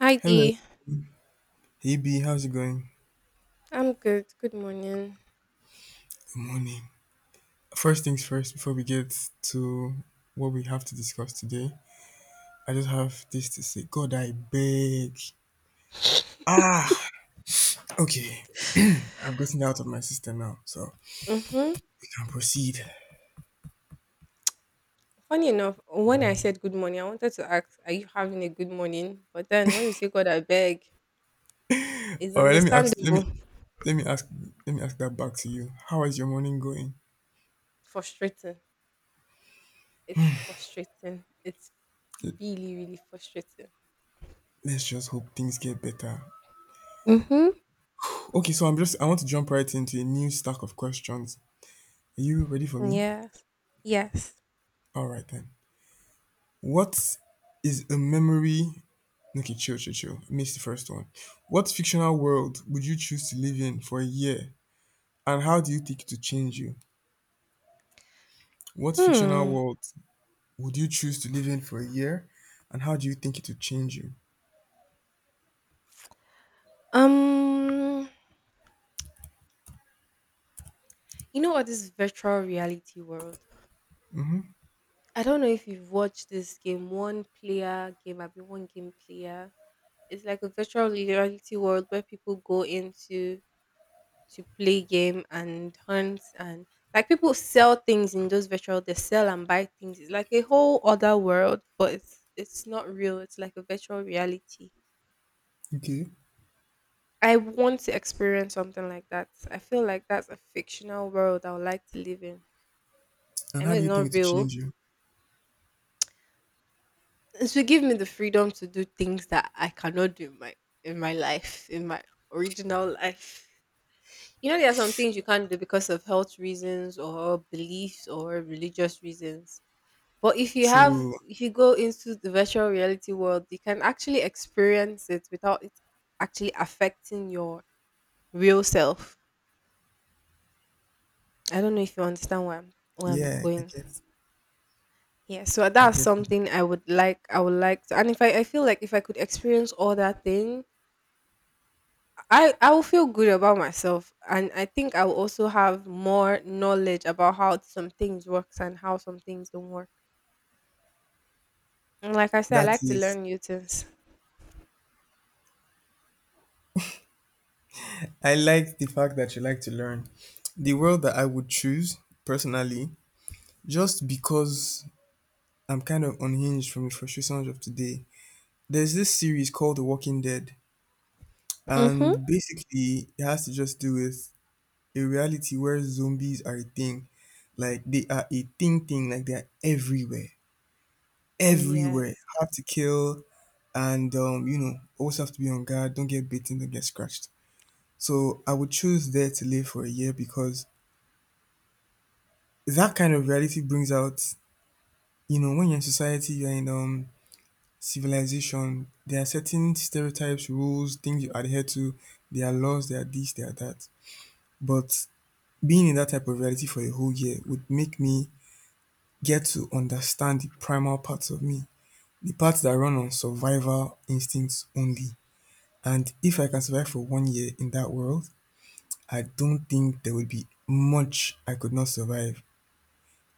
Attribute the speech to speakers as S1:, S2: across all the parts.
S1: Hi
S2: Hello,
S1: Dee.
S2: Eb. How's it going?
S1: I'm good. Good morning.
S2: Good morning. First things first, before we get to what we have to discuss today, I just have this to say God, I beg. Ah, okay. I've gotten it out of my system now, so
S1: Mm-hmm.
S2: we can proceed.
S1: Funny enough, when I said good morning, I wanted to ask, are you having a good morning? But then when you say God, I beg, it's
S2: All right, let me ask,
S1: understandable.
S2: let me ask, let me ask that back to you. How is your morning going?
S1: Frustrating. It's frustrating. It's
S2: L-
S1: really, really frustrating.
S2: Let's just hope things get better.
S1: Mm-hmm.
S2: Okay, so I want to jump right into a new stack of questions. Are you ready for me?
S1: Yes. Yes.
S2: All right, then. What is a memory Okay, chill, chill, chill. Miss the first one. What fictional world would you choose to live in for a year? And how do you think it to change you? What fictional
S1: Hmm.
S2: world would you choose to live in for a year? And how do you think it would change you?
S1: Um, you know what this virtual reality world? I don't know if you've watched this game, one player game, I be one game player. It's like a virtual reality world where people go into to play game and hunt, and like people sell things in those virtual they sell and buy things. It's like a whole other world, but it's not real. It's like a virtual reality.
S2: Okay.
S1: I want to experience something like that. I feel like that's a fictional world I would like to live in.
S2: And
S1: I
S2: how
S1: know
S2: do
S1: it's
S2: you think it
S1: not
S2: would
S1: real.
S2: change you?
S1: It should give me the freedom to do things that I cannot do in my life, in my original life. You know, there are some things you can't do because of health reasons or beliefs or religious reasons. But if you have,
S2: True.
S1: if you go into the virtual reality world, you can actually experience it without it actually affecting your real self. I don't know if you understand where I'm
S2: Yeah, I
S1: going.
S2: get.
S1: Yeah, so
S2: I
S1: that's
S2: get.
S1: something I would like. I would like to, and if I feel like if I could experience all that thing I will feel good about myself, and I think I will also have more knowledge about how some things works and how some things don't work. And like I said, I
S2: That
S1: like to
S2: is.
S1: learn new things.
S2: I like the fact that you like to learn. The world that I would choose personally, just because I'm kind of unhinged from the frustrations of today. There's this series called The Walking Dead,
S1: Mhm.
S2: and basically, it has to just do with a reality where zombies are a thing. Like, they are a thing, thing, like, they're everywhere, everywhere.
S1: Yes.
S2: Hard to kill, and, you know, always have to be on guard, don't get bitten, don't get scratched. So, I would choose There to Live for a year because that kind of reality brings out, you know, when you're in society, you're in civilization, there are certain stereotypes, rules, things you adhere to. There are laws, there are this, there are that. But being in that type of reality for a whole year would make me get to understand the primal parts of me, the parts that run on survival instincts only. And if I can survive for 1 year in that world, I don't think there would be much I could not survive.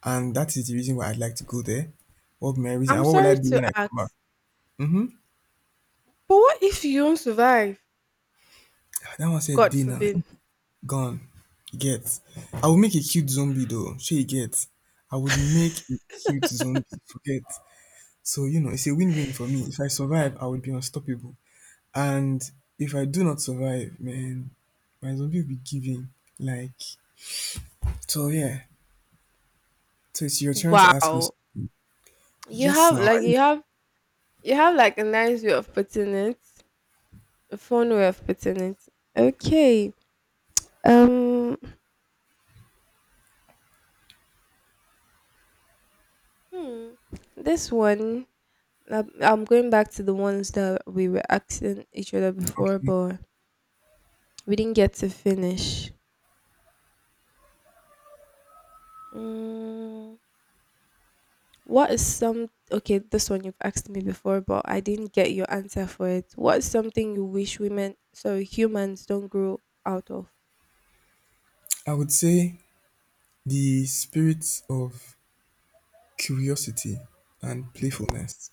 S2: And that is the reason why I'd like to go there. What would my reason? And
S1: I'm
S2: what will I
S1: sorry
S2: be
S1: to
S2: when I come back?
S1: ask,
S2: Mm-hmm.
S1: but what if you don't survive?
S2: That one said
S1: God
S2: dinner.
S1: forbid.
S2: Gone. You get? I would make a cute zombie though, shey you get? I would make a cute zombie, forget. So, you know, it's a win-win for me. If I survive, I would be unstoppable. And if I do not survive, man, my zombie will be giving. Like, so yeah. So it's your turn to ask me.
S1: Wow. You
S2: Yes,
S1: have
S2: now.
S1: like
S2: I
S1: you have you have like a nice way of putting it, a fun way of putting it. Okay. Um. Hmm. This one. I'm going back to the ones that we were asking each other before,
S2: okay.
S1: but we didn't get to finish. Mm, what is some okay? This one you've asked me before, but I didn't get your answer for it. What is something you wish women, sorry, humans don't grow out of?
S2: I would say the spirit of curiosity and playfulness.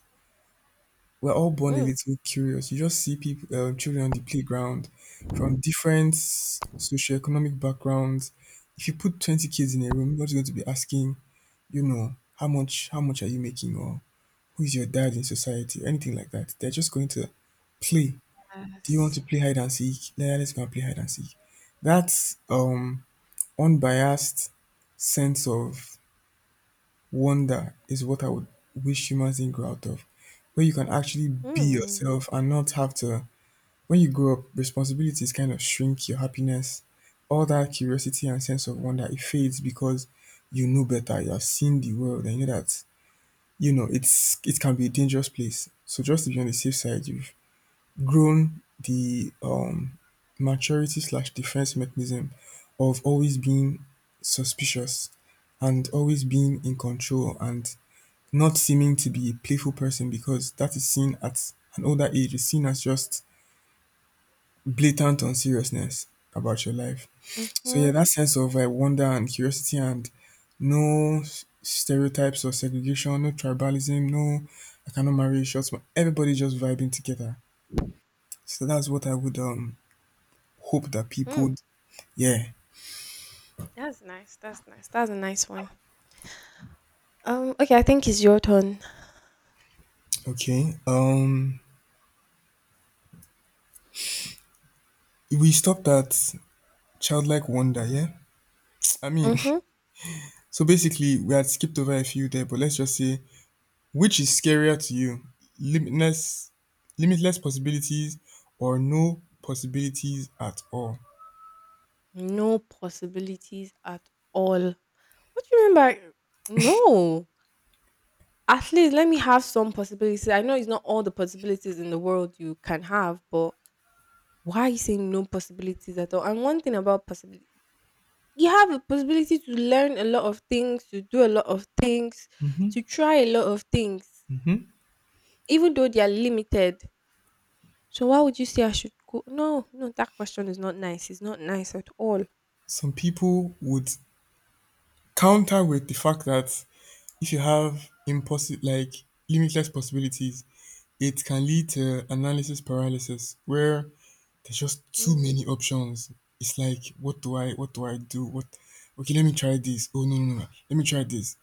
S2: We're all born a
S1: Mm.
S2: little curious. You just see people, children on the playground from different socioeconomic backgrounds. If you put 20 kids in a room, nobody's going to be asking, you know, how much are you making, or who is your dad in society, or anything like that. They're just going to play. Do you want to
S1: Yes.
S2: play hide and seek? Yeah, let's go and play hide and seek. That um, unbiased sense of wonder is what I would wish humans didn't grow out of, where you can actually be
S1: Mm.
S2: yourself and not have to when you grow up, responsibilities kind of shrink your happiness. All that curiosity and sense of wonder, it fades because you know better, you have seen the world, and you know that, it can be a dangerous place. So just to be on the safe side, you've grown the maturity slash defense mechanism of always being suspicious and always being in control and not seeming to be a playful person because that is seen at an older age, is seen as just blatant unseriousness about your life. So yeah,
S1: Mm-hmm.
S2: that sense of like wonder and curiosity and no stereotypes or segregation, no tribalism, no I cannot marry a short man. Everybody just vibing together. So that's what I would hope that people
S1: Mm.
S2: yeah.
S1: That's nice. That's nice. That's a nice one. Okay, I think it's your turn.
S2: Okay. We stopped at childlike wonder, yeah? I mean
S1: Mm-hmm.
S2: so basically we had skipped over a few there, but let's just say Which is scarier to you, limitless limitless possibilities or no possibilities at all?
S1: No possibilities at all. What do you mean by no? At least let me have some possibilities. I know it's not all the possibilities in the world you can have, but why are you saying no possibilities at all? And one thing about possibility, you have a possibility to learn a lot of things, to do a lot of things, to try a lot of things, even though they are limited. So why would you say I should go? No, no, that question is not nice. It's not nice at all.
S2: Some people would counter with the fact that if you have impossible like limitless possibilities, it can lead to analysis paralysis where there's just too many
S1: Mm,
S2: options. It's like what do I do? What okay, let me try this. Oh no no no. no. Let me try this.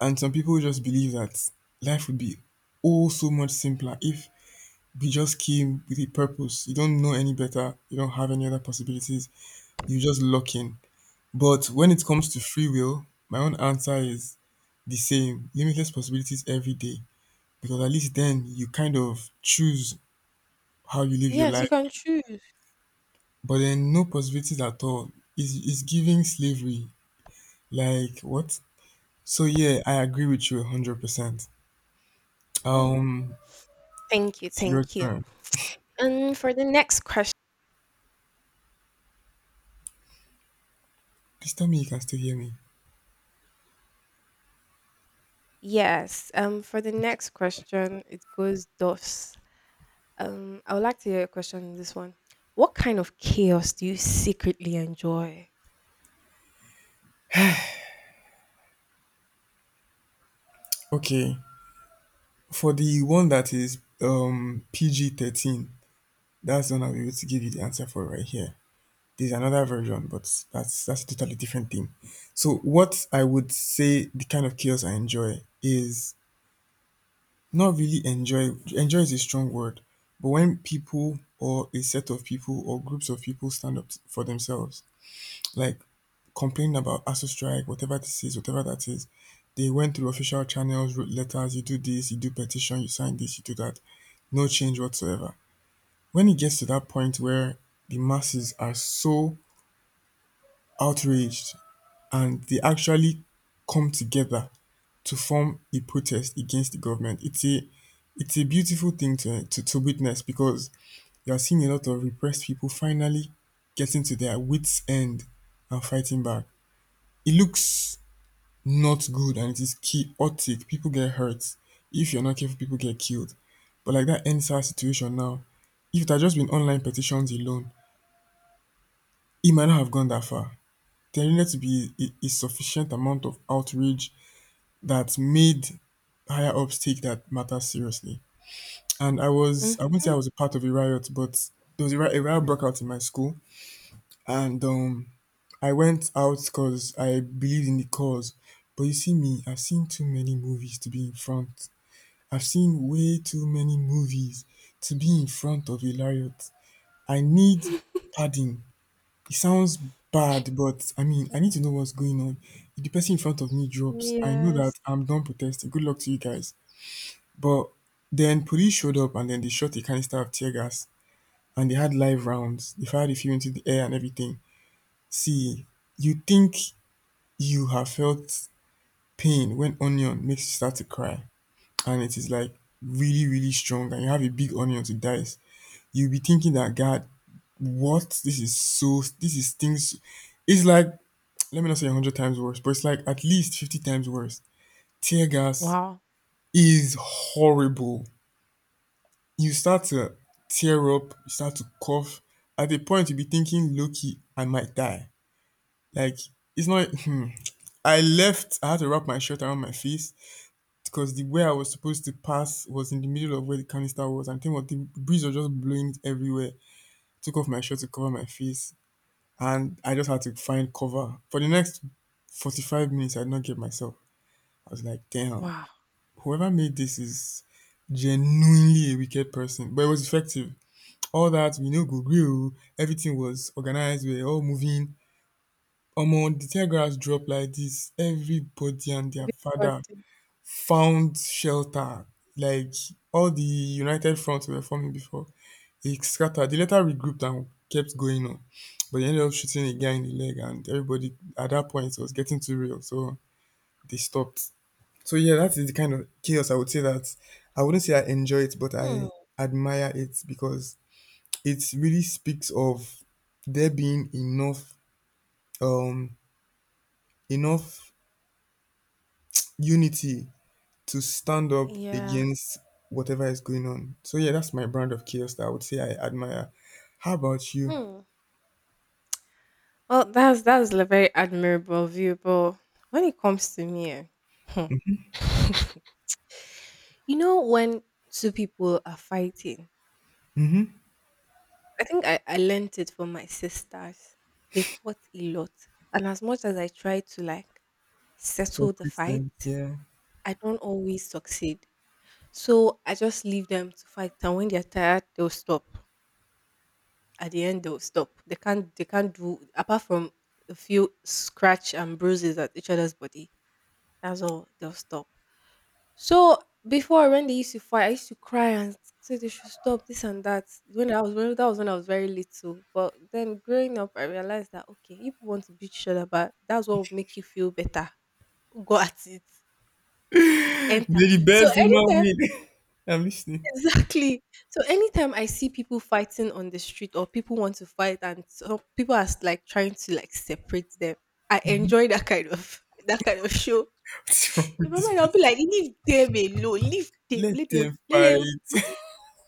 S2: And some people just believe that life would be oh so much simpler if You just came with a purpose. You don't know any better. You don't have any other possibilities. You just lock in. But when it comes to free will, my own answer is the same limitless possibilities every day. Because at least then you kind of choose how you live your
S1: yes,
S2: life.
S1: you can choose.
S2: But then no possibilities at all. It's giving slavery. Like, what? So, yeah, I agree with you 100%.
S1: Mm,
S2: Um,
S1: Thank you,
S2: it's your
S1: thank you.
S2: turn.
S1: And for the next question.
S2: Please tell me you can still hear me.
S1: Yes. For the next question, it goes thus. I would like to hear a question in this one. What kind of chaos do you secretly enjoy?
S2: Okay. For the one that is PG 13, that's the one I'll be able to give you the answer for right here. There's another version, but that's a totally different thing. So what I would say the kind of chaos I enjoy is not really enjoy is a strong word, but when people or a set of people or groups of people stand up for themselves, like complaining about ASU strike, whatever this is, whatever that is, they went through official channels, wrote letters, you do this, you do petition, you sign this, you do that no change whatsoever. When it gets to that point where the masses are so outraged and they actually come together to form a protest against the government, it's a beautiful thing to witness because you're seeing a lot of repressed people finally getting to their wits' end and fighting back. It looks not good and it is chaotic. People get hurt. If you're not careful, people get killed. But like that NSAR situation now, if it had just been online petitions alone, it might not have gone that far. There needed to be a sufficient amount of outrage that made higher ups take that matter seriously. And I wouldn't say I
S1: Mm-hmm.
S2: was a part of a riot, but there was a riot broke out in my school. And I went out because I believed in the cause. But you see, me, I've seen too many movies to be in front. I've seen way too many movies to be in front of a riot. I need padding. It sounds bad, but I mean, I need to know what's going on. If the person in front of me drops, I know
S1: Yes.
S2: that I'm done protesting. Good luck to you guys. But then police showed up and then they shot a canister of tear gas and they had live rounds. They fired a few into the air and everything. See, you think you have felt pain when onion makes you start to cry and it is like really, really strong and you have a big onion to dice. You'll be thinking that God, what? This is things it's like let me not say 100 times worse, but it's like at least 50 times worse. Tear gas
S1: Wow.
S2: is horrible. You start to tear up, you start to cough. At the point, you'll be thinking, Loki, I might die. Like, it's not. Hmm. I had to wrap my shirt around my face because the way I was supposed to pass was in the middle of where the canister was. And think what the breeze was just blowing it everywhere. Took off my shirt to cover my face. And I just had to find cover. For the next 45 minutes, I did not get myself. I was like, damn.
S1: Wow.
S2: Whoever made this is genuinely a wicked person, but it was effective. All that we know Google Everything was organized. We were all moving. Among the telegraphs dropped like this. Everybody and their
S1: Very
S2: father
S1: productive.
S2: found shelter. Like all the United fronts we were forming before, it scattered. They later regrouped and kept going on, but they ended up shooting a guy in the leg, and everybody at that point was getting too real, so they stopped. So yeah, that is the kind of chaos I would say that I wouldn't say I enjoy it, but
S1: Hmm.
S2: I admire it because it really speaks of there being um enough unity to stand up
S1: Yeah.
S2: against whatever is going on. So yeah, that's my brand of chaos that I would say I admire. How about you?
S1: Hmm. Well, that's a very admirable view, but when it comes to me, eh, hmm. You know when two people are fighting,
S2: Mm-hmm.
S1: I think I learnt it from my sisters. They fought a lot. And as much as I try to like
S2: So
S1: settle the
S2: Kristen,
S1: fight,
S2: yeah.
S1: I don't always succeed. So I just leave them to fight. And when they're tired, they'll stop. At the end, they'll stop. They can't do apart from a few scratch and bruises at each other's body. That's all they'll stop. So before when they used to fight, I used to cry and say they should stop this and that. When I was when that was when I was very little. But then growing up, I realized that okay, if you want to beat each other, but that's what would make you feel better. Go at it, enter.
S2: May the
S1: So
S2: best woman
S1: anytime,
S2: win. I'm listening.
S1: exactly. So anytime I see people fighting on the street or people want to fight and so people are like trying to like separate them, I
S2: Mhm.
S1: enjoy that kind of that kind of show.
S2: What's wrong
S1: In
S2: with
S1: my
S2: this
S1: mind, I'll be
S2: person?
S1: like, leave them alone, leave them,
S2: Let
S1: let them,
S2: them
S1: let them
S2: fight.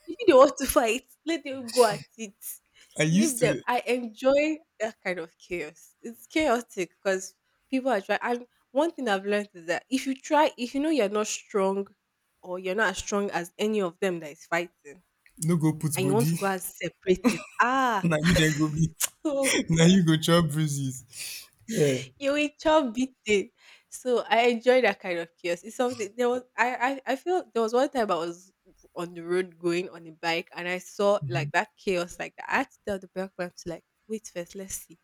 S1: If they want to fight, let them go at it.
S2: I used
S1: Leave them.
S2: to
S1: I enjoy that kind of chaos. It's chaotic because people are trying. And one thing I've learned is that if you try, if you know you're not strong or you're not as strong as any of them that is fighting,
S2: no go put
S1: and you want
S2: body
S1: to go and separate it, ah,
S2: Now you then go be Now you go chop bruises, yeah.
S1: you will chop beat it. So I enjoy that kind of chaos. It's something there was I feel there was one time I was on the road going on a bike and I saw like
S2: Mhm.
S1: that chaos like that. I had to tell the bike man to like wait first, let's see.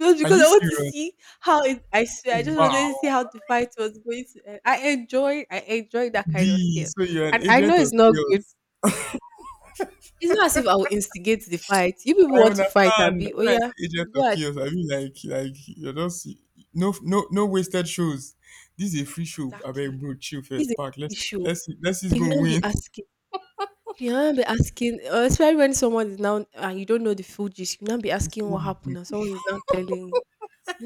S1: Just
S2: Are
S1: because
S2: you
S1: I want to
S2: serious?
S1: see how it I swear I just wanted
S2: Wow.
S1: to see how the fight was going to end. I enjoy that kind of
S2: B,
S1: chaos.
S2: so you're an
S1: And I know
S2: agent of
S1: it's not good.
S2: chaos.
S1: It's not as if I will instigate the fight. You people
S2: I
S1: want to fight and
S2: understand
S1: be oh
S2: when I
S1: yeah,
S2: say agent of
S1: go at
S2: chaos,
S1: it.
S2: I mean, like you're just no no no wasted shows. This is a free show. I abeg,
S1: Exactly.
S2: bro, chill,
S1: It's
S2: first
S1: a
S2: park,
S1: issue.
S2: let's see who's
S1: You will
S2: gonna
S1: not be
S2: win.
S1: asking You will not be asking, especially when someone is now and you don't know the full gist. You will not be
S2: Let's see
S1: asking what
S2: what
S1: happened, and
S2: happens.
S1: someone is now telling you,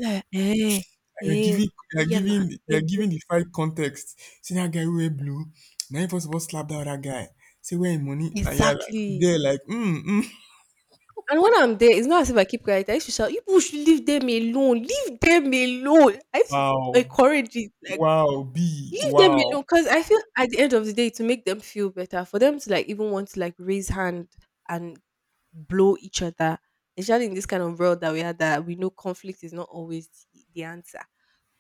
S1: like, eh,
S2: They're
S1: eh,
S2: giving,
S1: we are not
S2: the fight context. See that guy who wear blue? Now he first of all slap that other guy. Say where him money? And you're like
S1: exactly.
S2: they're like, mm, mm.
S1: And when I'm there, it's not as if I keep quiet. I used to shout, "You people should leave them alone. Leave them alone." I used to
S2: Wow.
S1: encourage it, like,
S2: Wow, B,
S1: leave them
S2: wow.
S1: alone, because I feel at the end of the day to make them feel better, for them to like even want to like raise hand and blow each other, especially in this kind of world that we are that we know conflict is not always the answer.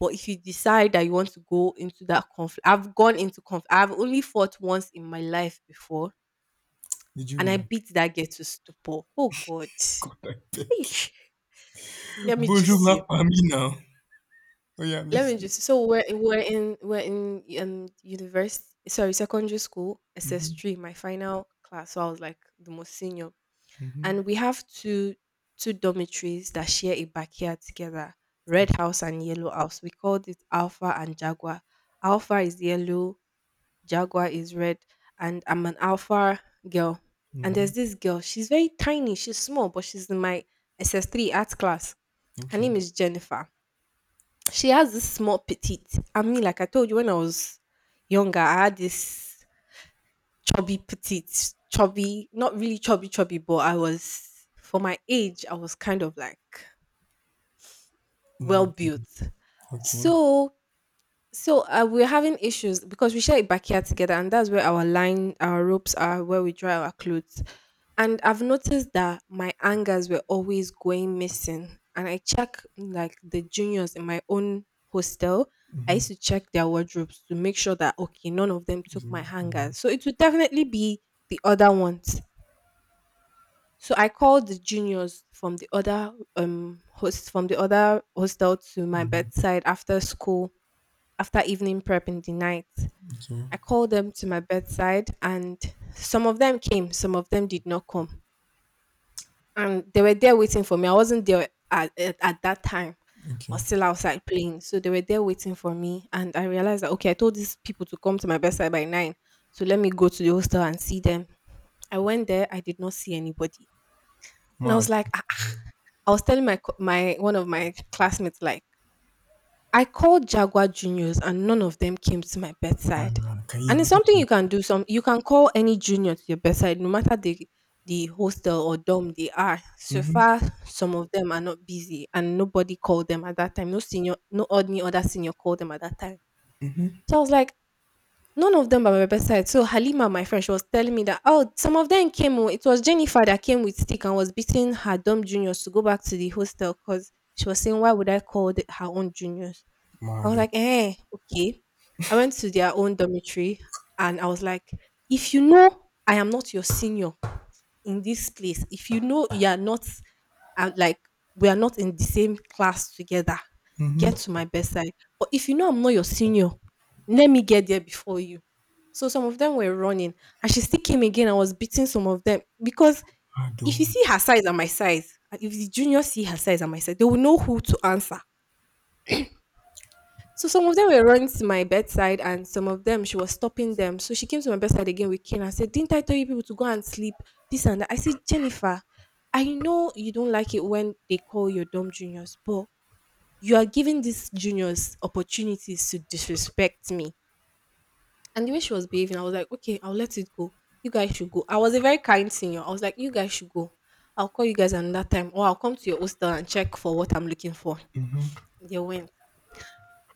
S1: But if you decide that you want to go into that conflict, I've gone into conflict. I've only fought once in my life before,
S2: Did you
S1: and I
S2: win?
S1: beat that girl to stupor. Oh God!
S2: God, I beg.
S1: Eesh. Let me
S2: Bonjour
S1: just
S2: ma
S1: you.
S2: famille now. Oh yeah, I'm
S1: Let me
S2: listening.
S1: just. So we're in university. Sorry, secondary school, SS
S2: Mm-hmm.
S1: three, my final class. So I was like the most senior
S2: Mm-hmm.
S1: and we have two dormitories that share a backyard together. Red
S2: Okay.
S1: house and yellow house, we called it alpha and jaguar. Alpha is yellow, jaguar is red, and I'm an alpha girl. And
S2: Mm-hmm.
S1: there's this girl, she's very tiny, she's small, but she's in my SS3 art class. Her
S2: Okay.
S1: name is Jennifer. She has this small petite, I mean like I told you when I was younger, I had this chubby petite, chubby, not really chubby chubby, but I was for my age, I was kind of like well
S2: Nothing.
S1: built.
S2: Okay.
S1: So So we're having issues because we share a backyard together, and that's where our line our ropes are where we dry our clothes. And I've noticed that my hangers were always going missing, and I check like the juniors in my own hostel. I
S2: Mm-hmm.
S1: used to check their wardrobes to make sure that okay none of them
S2: It's
S1: took my
S2: not. Mm-hmm.
S1: hangers, so it would definitely be the other one. So I called the juniors from the other hostel to my
S2: Mm-hmm.
S1: bedside after school, after evening prep in the night.
S2: Okay.
S1: I called them to my bedside, and some of them came, some of them did not come. And they were there waiting for me. I wasn't there at that time. I
S2: Okay.
S1: was still outside playing. So they were there waiting for me. And I realized that, okay, I told these people to come to my bedside by nine. So let me go to the hostel and see them. I went there. I did not see anybody. And I was
S2: Mad.
S1: like, ah, I was telling my one of my classmates like I called Jaguar juniors and none of them came to my
S2: Ah,
S1: bedside.
S2: can you
S1: And it's something you
S2: imagine?
S1: can do. Some you can call any junior to your bedside, no matter the hostel or dorm they are. So
S2: Mm-hmm.
S1: far, some of them are not busy, and nobody called them at that time. No senior, no any other senior called them at that time.
S2: Mm-hmm.
S1: So I was like, none of them by my bedside. So Halima, my friend, she was telling me that oh, some of them came. Oh, it was Jennifer that came with stick and was beating her dumb juniors to go back to the hostel because she was saying, why would I call the, her own juniors? I was
S2: Mad.
S1: like, eh, okay. I went to their own dormitory and I was like, if you know I am not your senior in this place, if you know you are not, and like we are not in the same class together,
S2: Mm-hmm.
S1: get to my bedside. But if you know I'm not your senior, let me get there before you. So some of them were running, and she still came again. I was beating some of them because
S2: I do.
S1: if you
S2: Adoro.
S1: see her size and my size, and if the juniors see her size and my size, they will know who to answer. So some of them were running to my bedside, and some of them she was stopping them. So she came to my bedside again with Ken and said, "Didn't I tell you people to go and sleep? This and that." I said, "Jennifer, I know you don't like it when they call your dumb juniors, but you are giving these juniors opportunities to disrespect me." And the way she was behaving, I was like, okay, I'll let it go. You guys should go. I was a very kind senior. I was like, you guys should go. I'll call you guys another time, or I'll come to your hostel and check for what I'm looking for.
S2: Mhm.
S1: They went.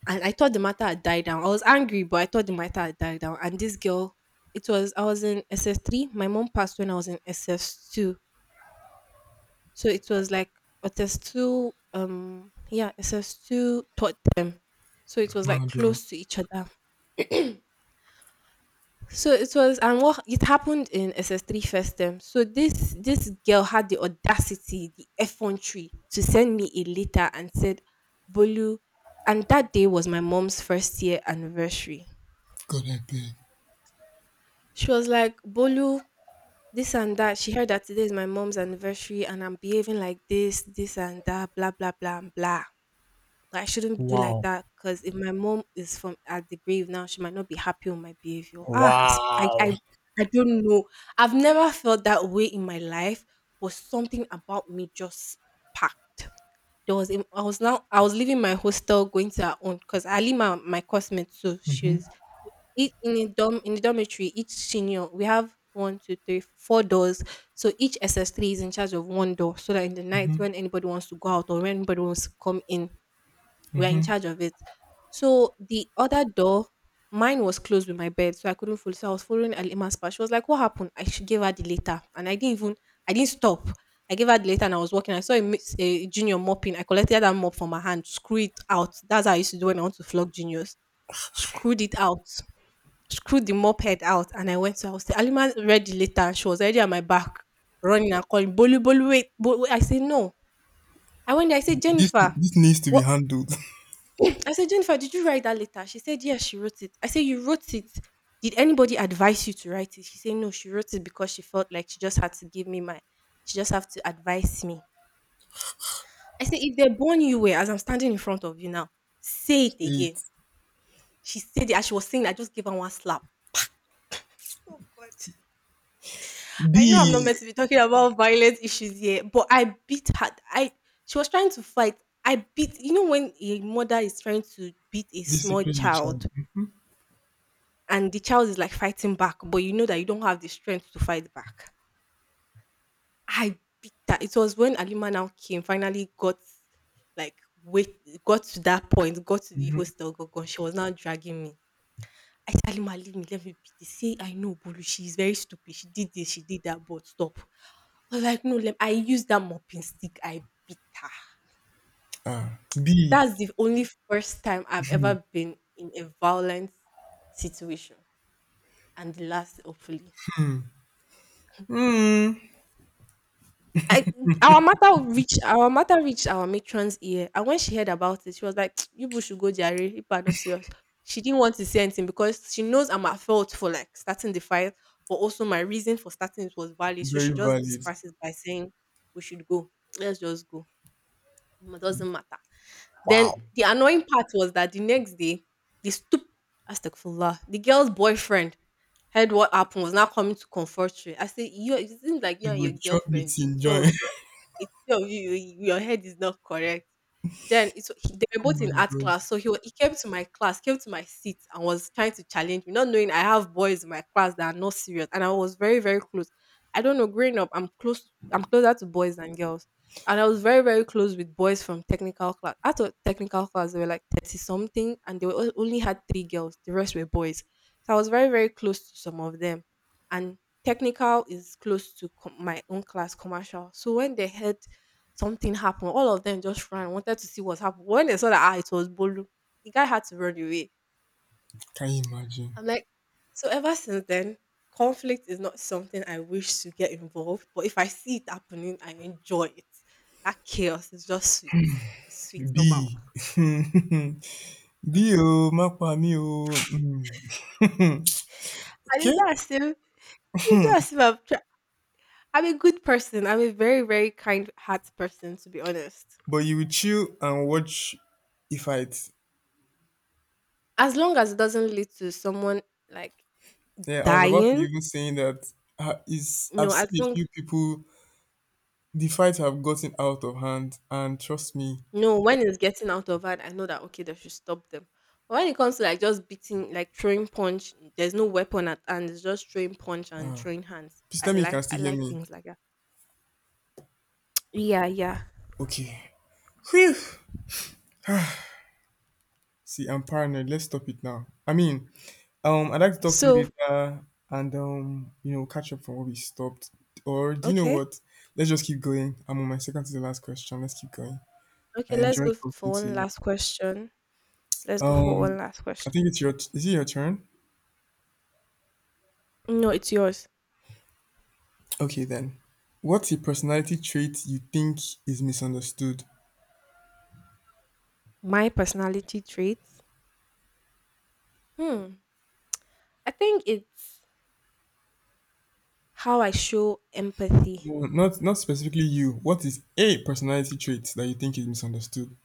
S1: And I thought the matter had died down. I was angry, but I thought the matter had died down. And this girl, it was, I was in SS3. My mom passed when I was in SS2. So it was like, SS2, yeah, SS2 taught. So it was like
S2: Do.
S1: close to each other. So it was, and what it happened in SS3 first term. So this girl had the audacity, the effrontery, to send me a letter and said, "Bolu," and that day was my mom's first year anniversary.
S2: God, I beg.
S1: She was like, "Bolu, this and that." She heard that today is my mom's anniversary, and I'm behaving like this and that, blah blah blah and blah. Like, I shouldn't do like
S2: Wow.
S1: that because if my mom is from at the grave now, she might not be happy with my behavior. Ah, I, sp- I,
S2: Wow.
S1: I, I don't know. I've never felt that way in my life, but something about me just packed. I was now, I was leaving my hostel going to her own because I leave my, my classmate too.
S2: Mhm.
S1: She's each in a dorm in the dormitory. Each senior, we have one, two, three, four doors. So each SS3 is in charge of one door, so that in the night
S2: Mhm.
S1: when anybody wants to go out or when anybody wants to come in, we're in
S2: Mhm.
S1: charge of it. So the other door, mine was closed with my bed, so I couldn't follow. So I was following Alima's path. She was like, "What happened?" I should give her the letter, and I didn't even, I didn't stop. I gave her the letter, and I was walking. I saw a, a junior mopping. I collected that mop from her hand, screw it out. That's how I used to do when I want to flog juniors. Screwed it out, screwed the mop head out, and I went to. I was Alima read the letter, and she was already at my back, running and calling, "Bolu, Bolu, wait! Bolu, wait." I said, "No." I went there. I said,
S2: This
S1: "Jennifer,
S2: needs to be
S1: what
S2: handled.
S1: I said, Jennifer, did you write that letter?" She said, yes, she wrote it. I said, you wrote it. Did anybody advise you to write it? She said, no, she wrote it because she felt like she just had to give me my, she just have to advise me. I said, if they born you were, as I'm standing in front of you now, say it
S2: Say
S1: again.
S2: it.
S1: She said it as she was saying, I just gave her one slap. Oh God. I know I'm not
S2: B.
S1: meant to be talking about violent issues here, but I beat her. I she was trying to fight. I beat you know when a mother is trying to beat a small
S2: Discipline your child.
S1: child and the child is like fighting back, but you know that you don't have the strength to fight back. I beat that. It was when Alima now came, finally got, like, wait, got to that point, got to the
S2: Mhm.
S1: hostel, got gone. She was now dragging me. I said, Alima, leave me, let me beat this. Say, I know, Bulu, she is very stupid. She did this, she did that, but stop. I was like, no, let I used that mopping stick. I beat her.
S2: Ah. B.
S1: That's the only first time I've ever been in a violent situation. And the last, hopefully.
S2: Mm.
S1: I our matter reached our matron's ear, and when she heard about it, she was like, "You people should go jare. If people are not serious." She didn't want to say anything because she knows I'm at fault for like starting the fight, but also my reason for starting it was valid. So
S2: Very
S1: she just
S2: valid.
S1: disperses by saying, "We should go. Let's just go. It doesn't matter." Then the annoying part was that the next day, the stupid astagfirullah, the girl's boyfriend heard what happened was now coming to comfort her. I said, "You it seems like you and
S2: You
S1: your
S2: go chop
S1: girlfriend, the
S2: meeting
S1: two of
S2: join.
S1: it's two of you, you your head is not correct." Then it's they were
S2: Oh
S1: both
S2: my
S1: in art
S2: God.
S1: class, so he came to my class, came to my seat and was trying to challenge me, not knowing I have boys in my class that are not serious, and I was very, very close. I don't know, growing up, I'm closer to boys than girls, and I was very, very close with boys from technical class. Out of technical class, there were like 30 something, and they were only had three girls, the rest were boys. So I was very, very close to some of them, and technical is close to my own class, commercial. So when they heard something happen, all of them just ran, wanted to see what happened. When they saw that ah, it was Bolu, the guy had to run away.
S2: Can you imagine?
S1: I'm like, so ever since then, conflict is not something I wish to get involved. But if I see it happening, I enjoy it. That chaos is just sweet. It's sweet somehow.
S2: B. B. Oh, mapa me. Oh. Mm.
S1: And it's
S2: Okay.
S1: not as if it's not as if I'm a good person. I'm a very very kind heart person, to be honest.
S2: But you will chill and watch a fight.
S1: As long as it doesn't lead to someone like
S2: Yeah, I was about to
S1: dying.
S2: even saying that is I've
S1: No, as
S2: seen a
S1: long
S2: few people the fight have gotten out of hand, and trust me,
S1: no, when it's getting out of hand, I know that okay, they should stop them. But when it comes to like just beating, like throwing punch, there's no weapon at hand. It's just throwing punch and throwing hands.
S2: please tell me you can
S1: I
S2: still hear
S1: like
S2: me.
S1: things like that. Yeah, yeah.
S2: Okay. Whew. See, I'm paranoid. Let's stop it now. I mean, I'd like to talk to you
S1: So
S2: later, and catch up from where we stopped. Or do you know
S1: okay,
S2: what? Let's just keep going. I'm on my second to the last question. Let's keep going. I
S1: okay. Let's
S2: enjoyed
S1: go for
S2: talking to
S1: one
S2: you.
S1: last question. Let's go for
S2: Um,
S1: one last
S2: I
S1: question.
S2: think it's your. Is it your turn?
S1: No, it's yours.
S2: Okay then. What's a personality trait you think is misunderstood?
S1: My personality traits. Hmm. I think it's how I show empathy,
S2: No, not specifically you. What is a personality trait that you think is misunderstood?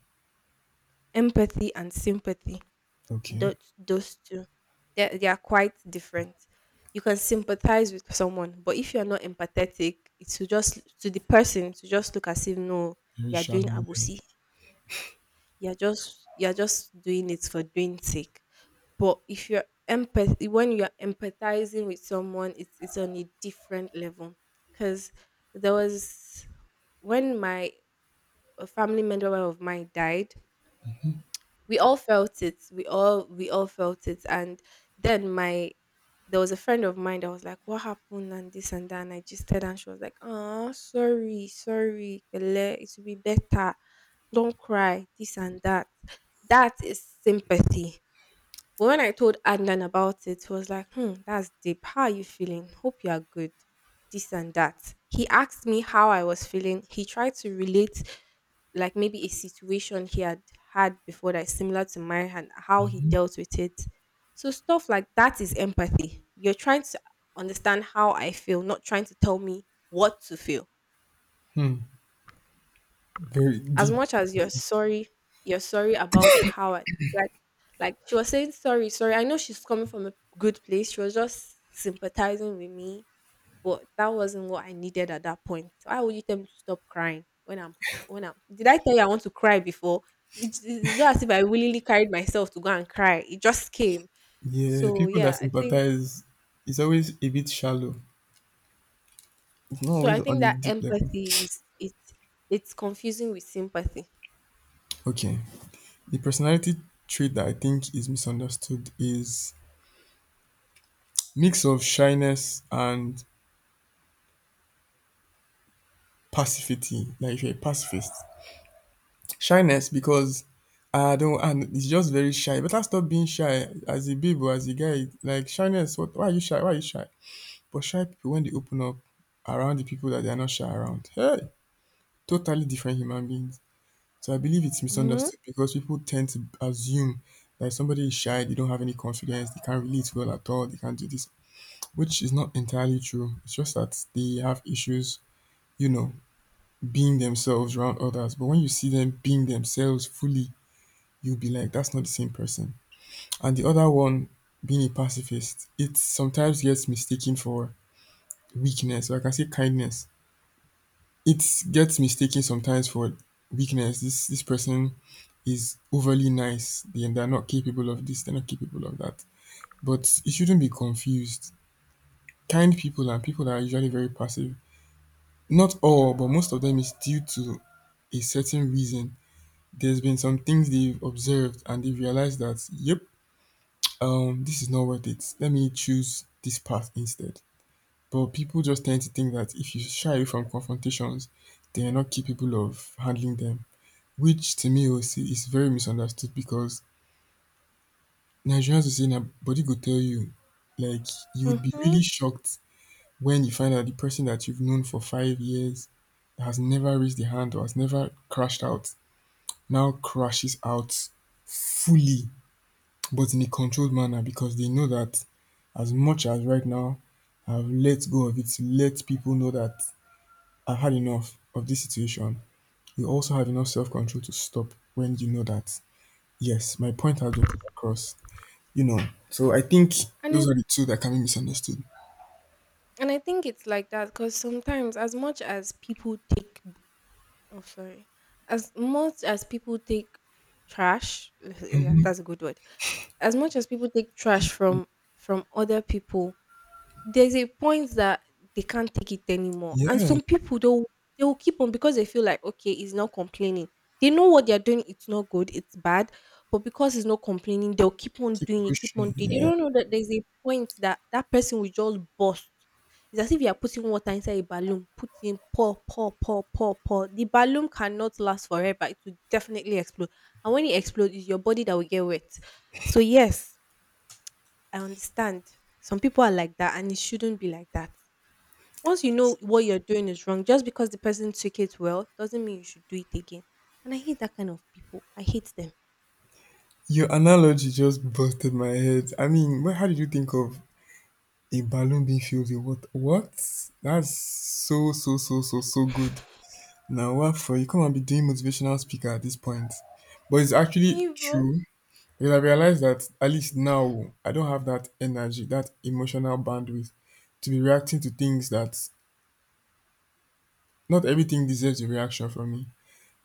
S1: empathy and sympathy.
S2: Okay.
S1: Those two, they are quite different. You can sympathize with someone, but if you are not empathetic, it's to just to the person to just look as if no,
S2: Very
S1: you are
S2: shallow,
S1: doing
S2: yeah.
S1: abusi. You are just doing it for doing sake. But if you're empath when you're empathizing with someone, it's on a different level. Because there was when my a family member of mine died, we all felt it. And then my there was a friend of mine that was like what happened and this and that, and I just said, and she was like, oh, sorry, sorry, Pele, it will be better, don't cry, this and that. That is sympathy. But when I told Adnan about it, he was like, hmm, that's deep. How are you feeling? Hope you are good. This and that. He asked me how I was feeling. He tried to relate, like, maybe a situation he had had before that is similar to mine and how he dealt with it. So, stuff like that is empathy. You're trying to understand how I feel, not trying to tell me what to feel.
S2: Hmm. Very
S1: As
S2: deep.
S1: much as you're sorry about how I, like like she was saying sorry, sorry. I know she's coming from a good place. She was just sympathizing with me, but that wasn't what I needed at that point. Why would you tell me to stop crying when when I'm? Did I tell you I want to cry before? It's not as if I willingly carried myself to go and cry. It just came.
S2: Yeah,
S1: So
S2: people that
S1: yeah, I think
S2: sympathize is always a bit shallow. It's not
S1: so.
S2: always
S1: I
S2: on
S1: think
S2: a
S1: that
S2: deep level.
S1: empathy is it's confusing with sympathy.
S2: Okay. The personality trait that I think is misunderstood is mix of shyness and passivity. Like if you're a pacifist. Shyness because I don't and it's just very shy. Better stop being shy as a babe or as a guy. Like shyness, what, why are you shy? Why are you shy? But shy people, when they open up around the people that they are not shy around, hey, totally different human beings. So I believe it's
S1: Mm-hmm.
S2: misunderstood because people tend to assume that somebody is shy, they don't have any confidence, they can't relate well at all, they can't do this, which is not entirely true. It's just that they have issues, you know, being themselves around others. But when you see them being themselves fully, you'll be like, that's not the same person. And the other one, being a pacifist, it sometimes gets mistaken for weakness, or I can say kindness. It gets mistaken sometimes for weakness. This person is overly nice. They're not capable of this, they're not capable of that. But it shouldn't be confused. Kind people and people that are usually very passive. Not all, but most of them is due to a certain reason. There's been some things they've observed and they've realized that, yep, this is not worth it. Let me choose this path instead. But people just tend to think that if you shy away from confrontations, they are not capable of handling them, which to me will say is very misunderstood because Nigerians will say na body go tell you, like you would be
S1: Mm-hmm.
S2: really shocked when you find out the person that you've known for 5 years that has never raised the hand or has never crashed out now crashes out fully but in a controlled manner because they know that as much as right now I've let go of it, to let people know that I've had enough of this situation, you also have enough self control to stop when you know that, yes, my point has been put across, you know. So I think
S1: And
S2: those
S1: it's
S2: are the two that can be misunderstood.
S1: and I think it's like that because sometimes, as much as people take, oh, sorry, as much as people take trash, yeah, that's a good word. As much as people take trash from other people, there's a point that they can't take it anymore. And
S2: Yeah,
S1: some people though they will keep on because they feel like okay, he's not complaining. They know what they're doing, it's not good, it's bad. But because he's not complaining, they'll keep on
S2: keep
S1: doing it, keep on
S2: pushing.
S1: doing. They
S2: Yeah.
S1: don't know that there's a point that that person will just burst. It's as if you are putting water inside a balloon, putting pour, pour, pour, pour, pour. The balloon cannot last forever; it will definitely explode. And when it explodes, it's your body that will get wet. So yes, I understand. Some people are like that, and it shouldn't be like that. Once you know what you're doing is wrong, just because the person took it well doesn't mean you should do it again. And I hate that kind of people. I hate them.
S2: Your analogy just busted my head. I mean, wh- how did you think of a balloon being filled with what? What? That's so, so, so, so, so good. Now, what for? You can't be doing motivational speaker at this point. But it's actually
S1: Evil.
S2: true because I realize that at least now I don't have that energy, that emotional bandwidth to be reacting to things that not everything deserves a reaction from me.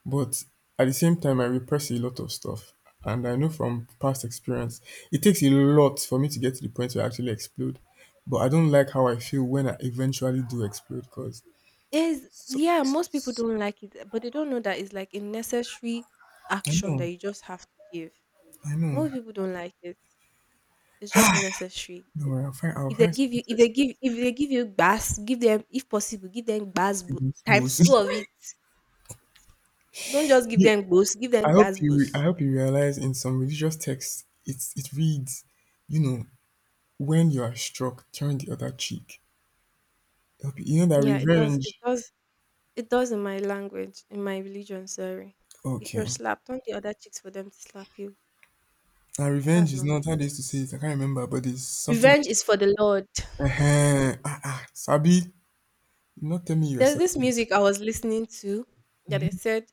S2: But at the same time, I repress a lot of stuff. And I know from past experience, it takes a lot for me to get to the point where I actually explode. But I don't like how I feel when I eventually do explode because
S1: Is
S2: so,
S1: yeah, most people don't like it, but they don't know that it's like a necessary
S2: I
S1: action that
S2: know,
S1: you just have to give.
S2: I know.
S1: Most people don't like it. It's just necessary.
S2: No, worry, I'll find something to expect
S1: If they give you gas, give them, if possible, give them gas
S2: in those
S1: times
S2: books.
S1: two of it. Don't just give
S2: You-
S1: them boost, give them bass
S2: I
S1: boost.
S2: hope you realize in some religious texts it reads, you know, when you are struck, turn the other cheek. I hope you you know that
S1: Yeah, it does. It
S2: revenge.
S1: does. It does in my language, in my religion. Sorry. If you're
S2: Okay,
S1: slapped, don't the other chicks for them to slap you.
S2: now revenge
S1: That's
S2: is
S1: not
S2: not
S1: me.
S2: how they used to say it. I can't remember, but it's something.
S1: Revenge is for the Lord.
S2: Uh-huh. Ah, ah, Sabi, not tell me you're
S1: There's this
S2: Sabi
S1: music I was listening to that it said,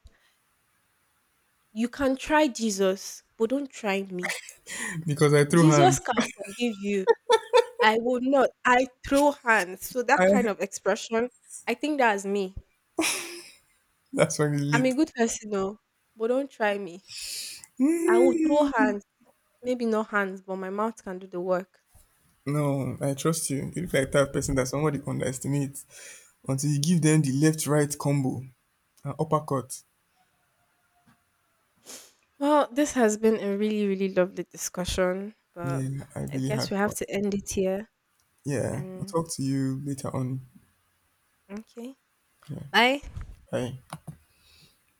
S1: "You can try Jesus, but don't try me.
S2: because I threw
S1: Jesus
S2: hands.
S1: can forgive you. I will not. I throw hands." So that
S2: I,
S1: kind of expression, I think that's me.
S2: that's when it
S1: I'm
S2: lit.
S1: a good person, no, but don't try me. I will throw
S2: Mm.
S1: hands. Maybe no hands, but my mouth can do the work.
S2: No, I trust you. You look like that person that somebody underestimates until you give them the left right combo and uppercut.
S1: Well, this has been a really, really lovely discussion, but
S2: Yeah, I
S1: I
S2: really
S1: guess
S2: had
S1: we have
S2: fun.
S1: to end it here.
S2: Yeah, I'll
S1: And
S2: talk to you later on.
S1: okay,
S2: Yeah,
S1: bye.
S2: bye.